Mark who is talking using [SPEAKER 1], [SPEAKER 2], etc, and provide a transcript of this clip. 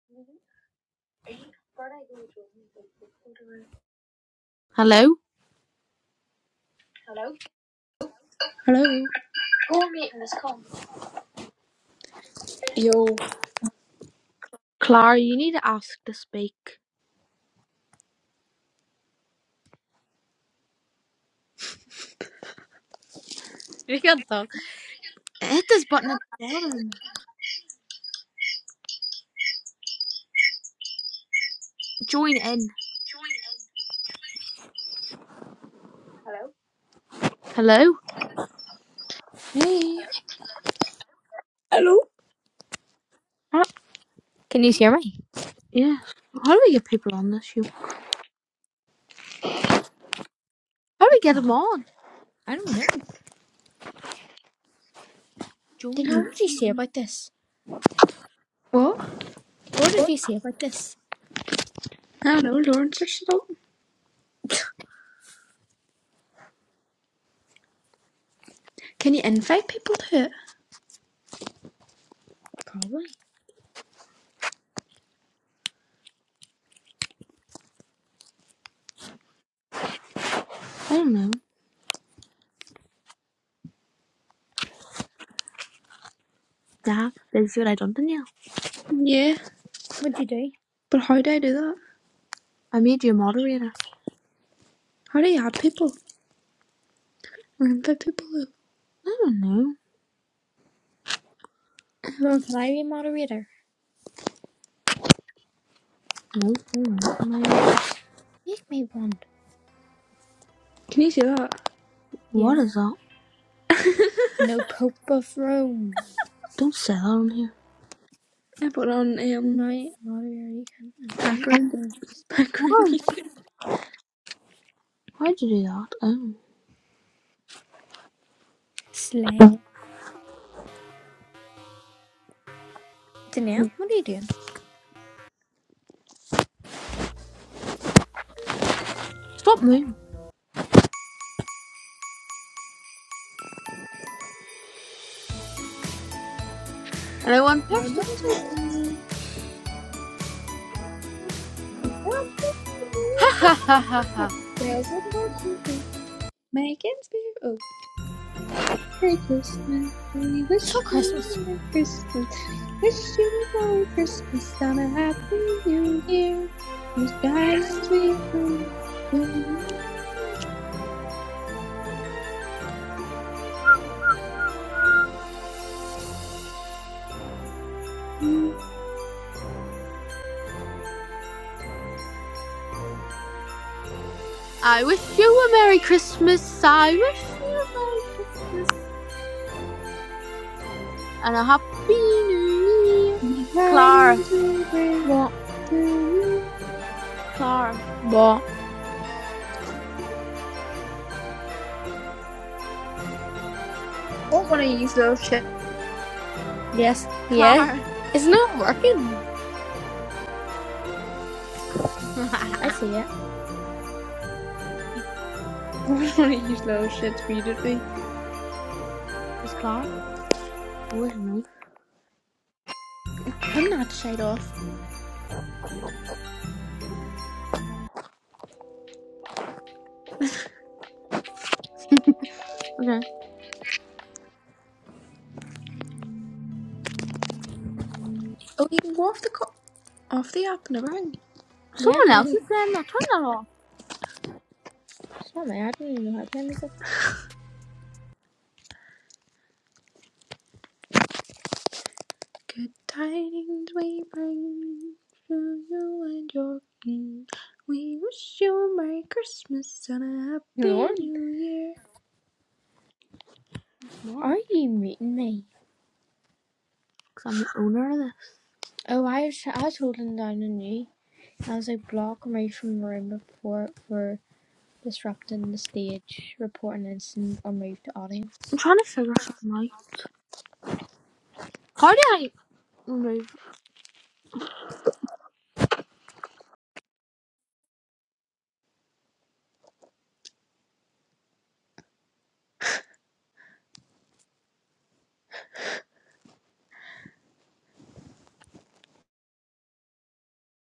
[SPEAKER 1] Hello? Hello.
[SPEAKER 2] Hello.
[SPEAKER 1] Go meet in this call.
[SPEAKER 2] Yo,
[SPEAKER 1] Clara, you need to ask to speak. You can talk. Hit this button at the bottom. Join in. Hello?
[SPEAKER 2] Hey.
[SPEAKER 3] Hello?
[SPEAKER 1] How,
[SPEAKER 3] Can you hear me?
[SPEAKER 1] yeah. How do we get people on this? You? How do we get them on?
[SPEAKER 3] I don't know. Then
[SPEAKER 1] Join.
[SPEAKER 3] what did you say
[SPEAKER 1] in.
[SPEAKER 3] about this?
[SPEAKER 2] what?
[SPEAKER 3] What did you say about this?
[SPEAKER 2] I don't Hello, Lauren Sisson. Can you invite people to it?
[SPEAKER 3] Probably.
[SPEAKER 1] I don't know. Dad, did you see what I done to you?
[SPEAKER 2] Yeah,
[SPEAKER 3] What'd you do?
[SPEAKER 2] but how do I do that?
[SPEAKER 1] I made you a moderator.
[SPEAKER 2] How do you add people or invite people? to it?
[SPEAKER 1] I don't know.
[SPEAKER 3] Lord,
[SPEAKER 2] Um,
[SPEAKER 3] can I be a moderator?
[SPEAKER 1] No, no, no. no.
[SPEAKER 3] Make me one.
[SPEAKER 2] can you see that?
[SPEAKER 1] What
[SPEAKER 3] Yeah.
[SPEAKER 1] is that?
[SPEAKER 2] I
[SPEAKER 3] No Pope of Rome.
[SPEAKER 1] Don't say that on here.
[SPEAKER 2] put on um
[SPEAKER 3] No moderator you can invite.
[SPEAKER 2] background
[SPEAKER 3] No, just be.
[SPEAKER 2] background music.
[SPEAKER 1] Why'd you do that? I don't
[SPEAKER 3] Slay.
[SPEAKER 1] know.
[SPEAKER 3] Danielle, what are you doing?
[SPEAKER 1] Stop moving. And I want
[SPEAKER 2] No,
[SPEAKER 1] person.
[SPEAKER 2] no, no, no.
[SPEAKER 1] Ha ha ha.
[SPEAKER 2] Make it spirit. Merry Christmas. We
[SPEAKER 3] It's
[SPEAKER 2] wish
[SPEAKER 3] not
[SPEAKER 2] you a
[SPEAKER 3] Christmas.
[SPEAKER 2] Merry Christmas. We Wish you a Merry Christmas and a Happy New Year. Whose guidance we bring to you.
[SPEAKER 1] I wish you a Merry Christmas. I wish you a Merry Christmas and a Happy New Year.
[SPEAKER 2] Whose
[SPEAKER 1] Clara,
[SPEAKER 2] guidance we bring
[SPEAKER 3] What?
[SPEAKER 2] to you.
[SPEAKER 1] Clara,
[SPEAKER 3] What?
[SPEAKER 2] I Don't want to use little shit.
[SPEAKER 3] Yes. Yeah.
[SPEAKER 1] Clara.
[SPEAKER 3] It's not working. I see it.
[SPEAKER 2] I don't want to use little shits immediately.
[SPEAKER 1] Is Clara? Oh, it's me.
[SPEAKER 2] I'm not shade off.
[SPEAKER 1] Okay.
[SPEAKER 2] Oh, you can go off the co- off the app and around.
[SPEAKER 3] Yeah,
[SPEAKER 1] Someone
[SPEAKER 3] you
[SPEAKER 1] else is
[SPEAKER 3] can.
[SPEAKER 1] there. Now turn that off.
[SPEAKER 3] It's not me. I don't even know how to play music.
[SPEAKER 2] Good tidings we bring to you and your king. We wish you a Merry Christmas and a Happy
[SPEAKER 3] Lord,
[SPEAKER 2] New Year.
[SPEAKER 1] Why?
[SPEAKER 3] are you muting me?
[SPEAKER 1] Because I'm the owner of this.
[SPEAKER 3] "Oh, I I have children down in New," as a block removed from the room report were disrupting the stage, report an incident, or move to audience.
[SPEAKER 1] I'm trying to figure something out. How do I remove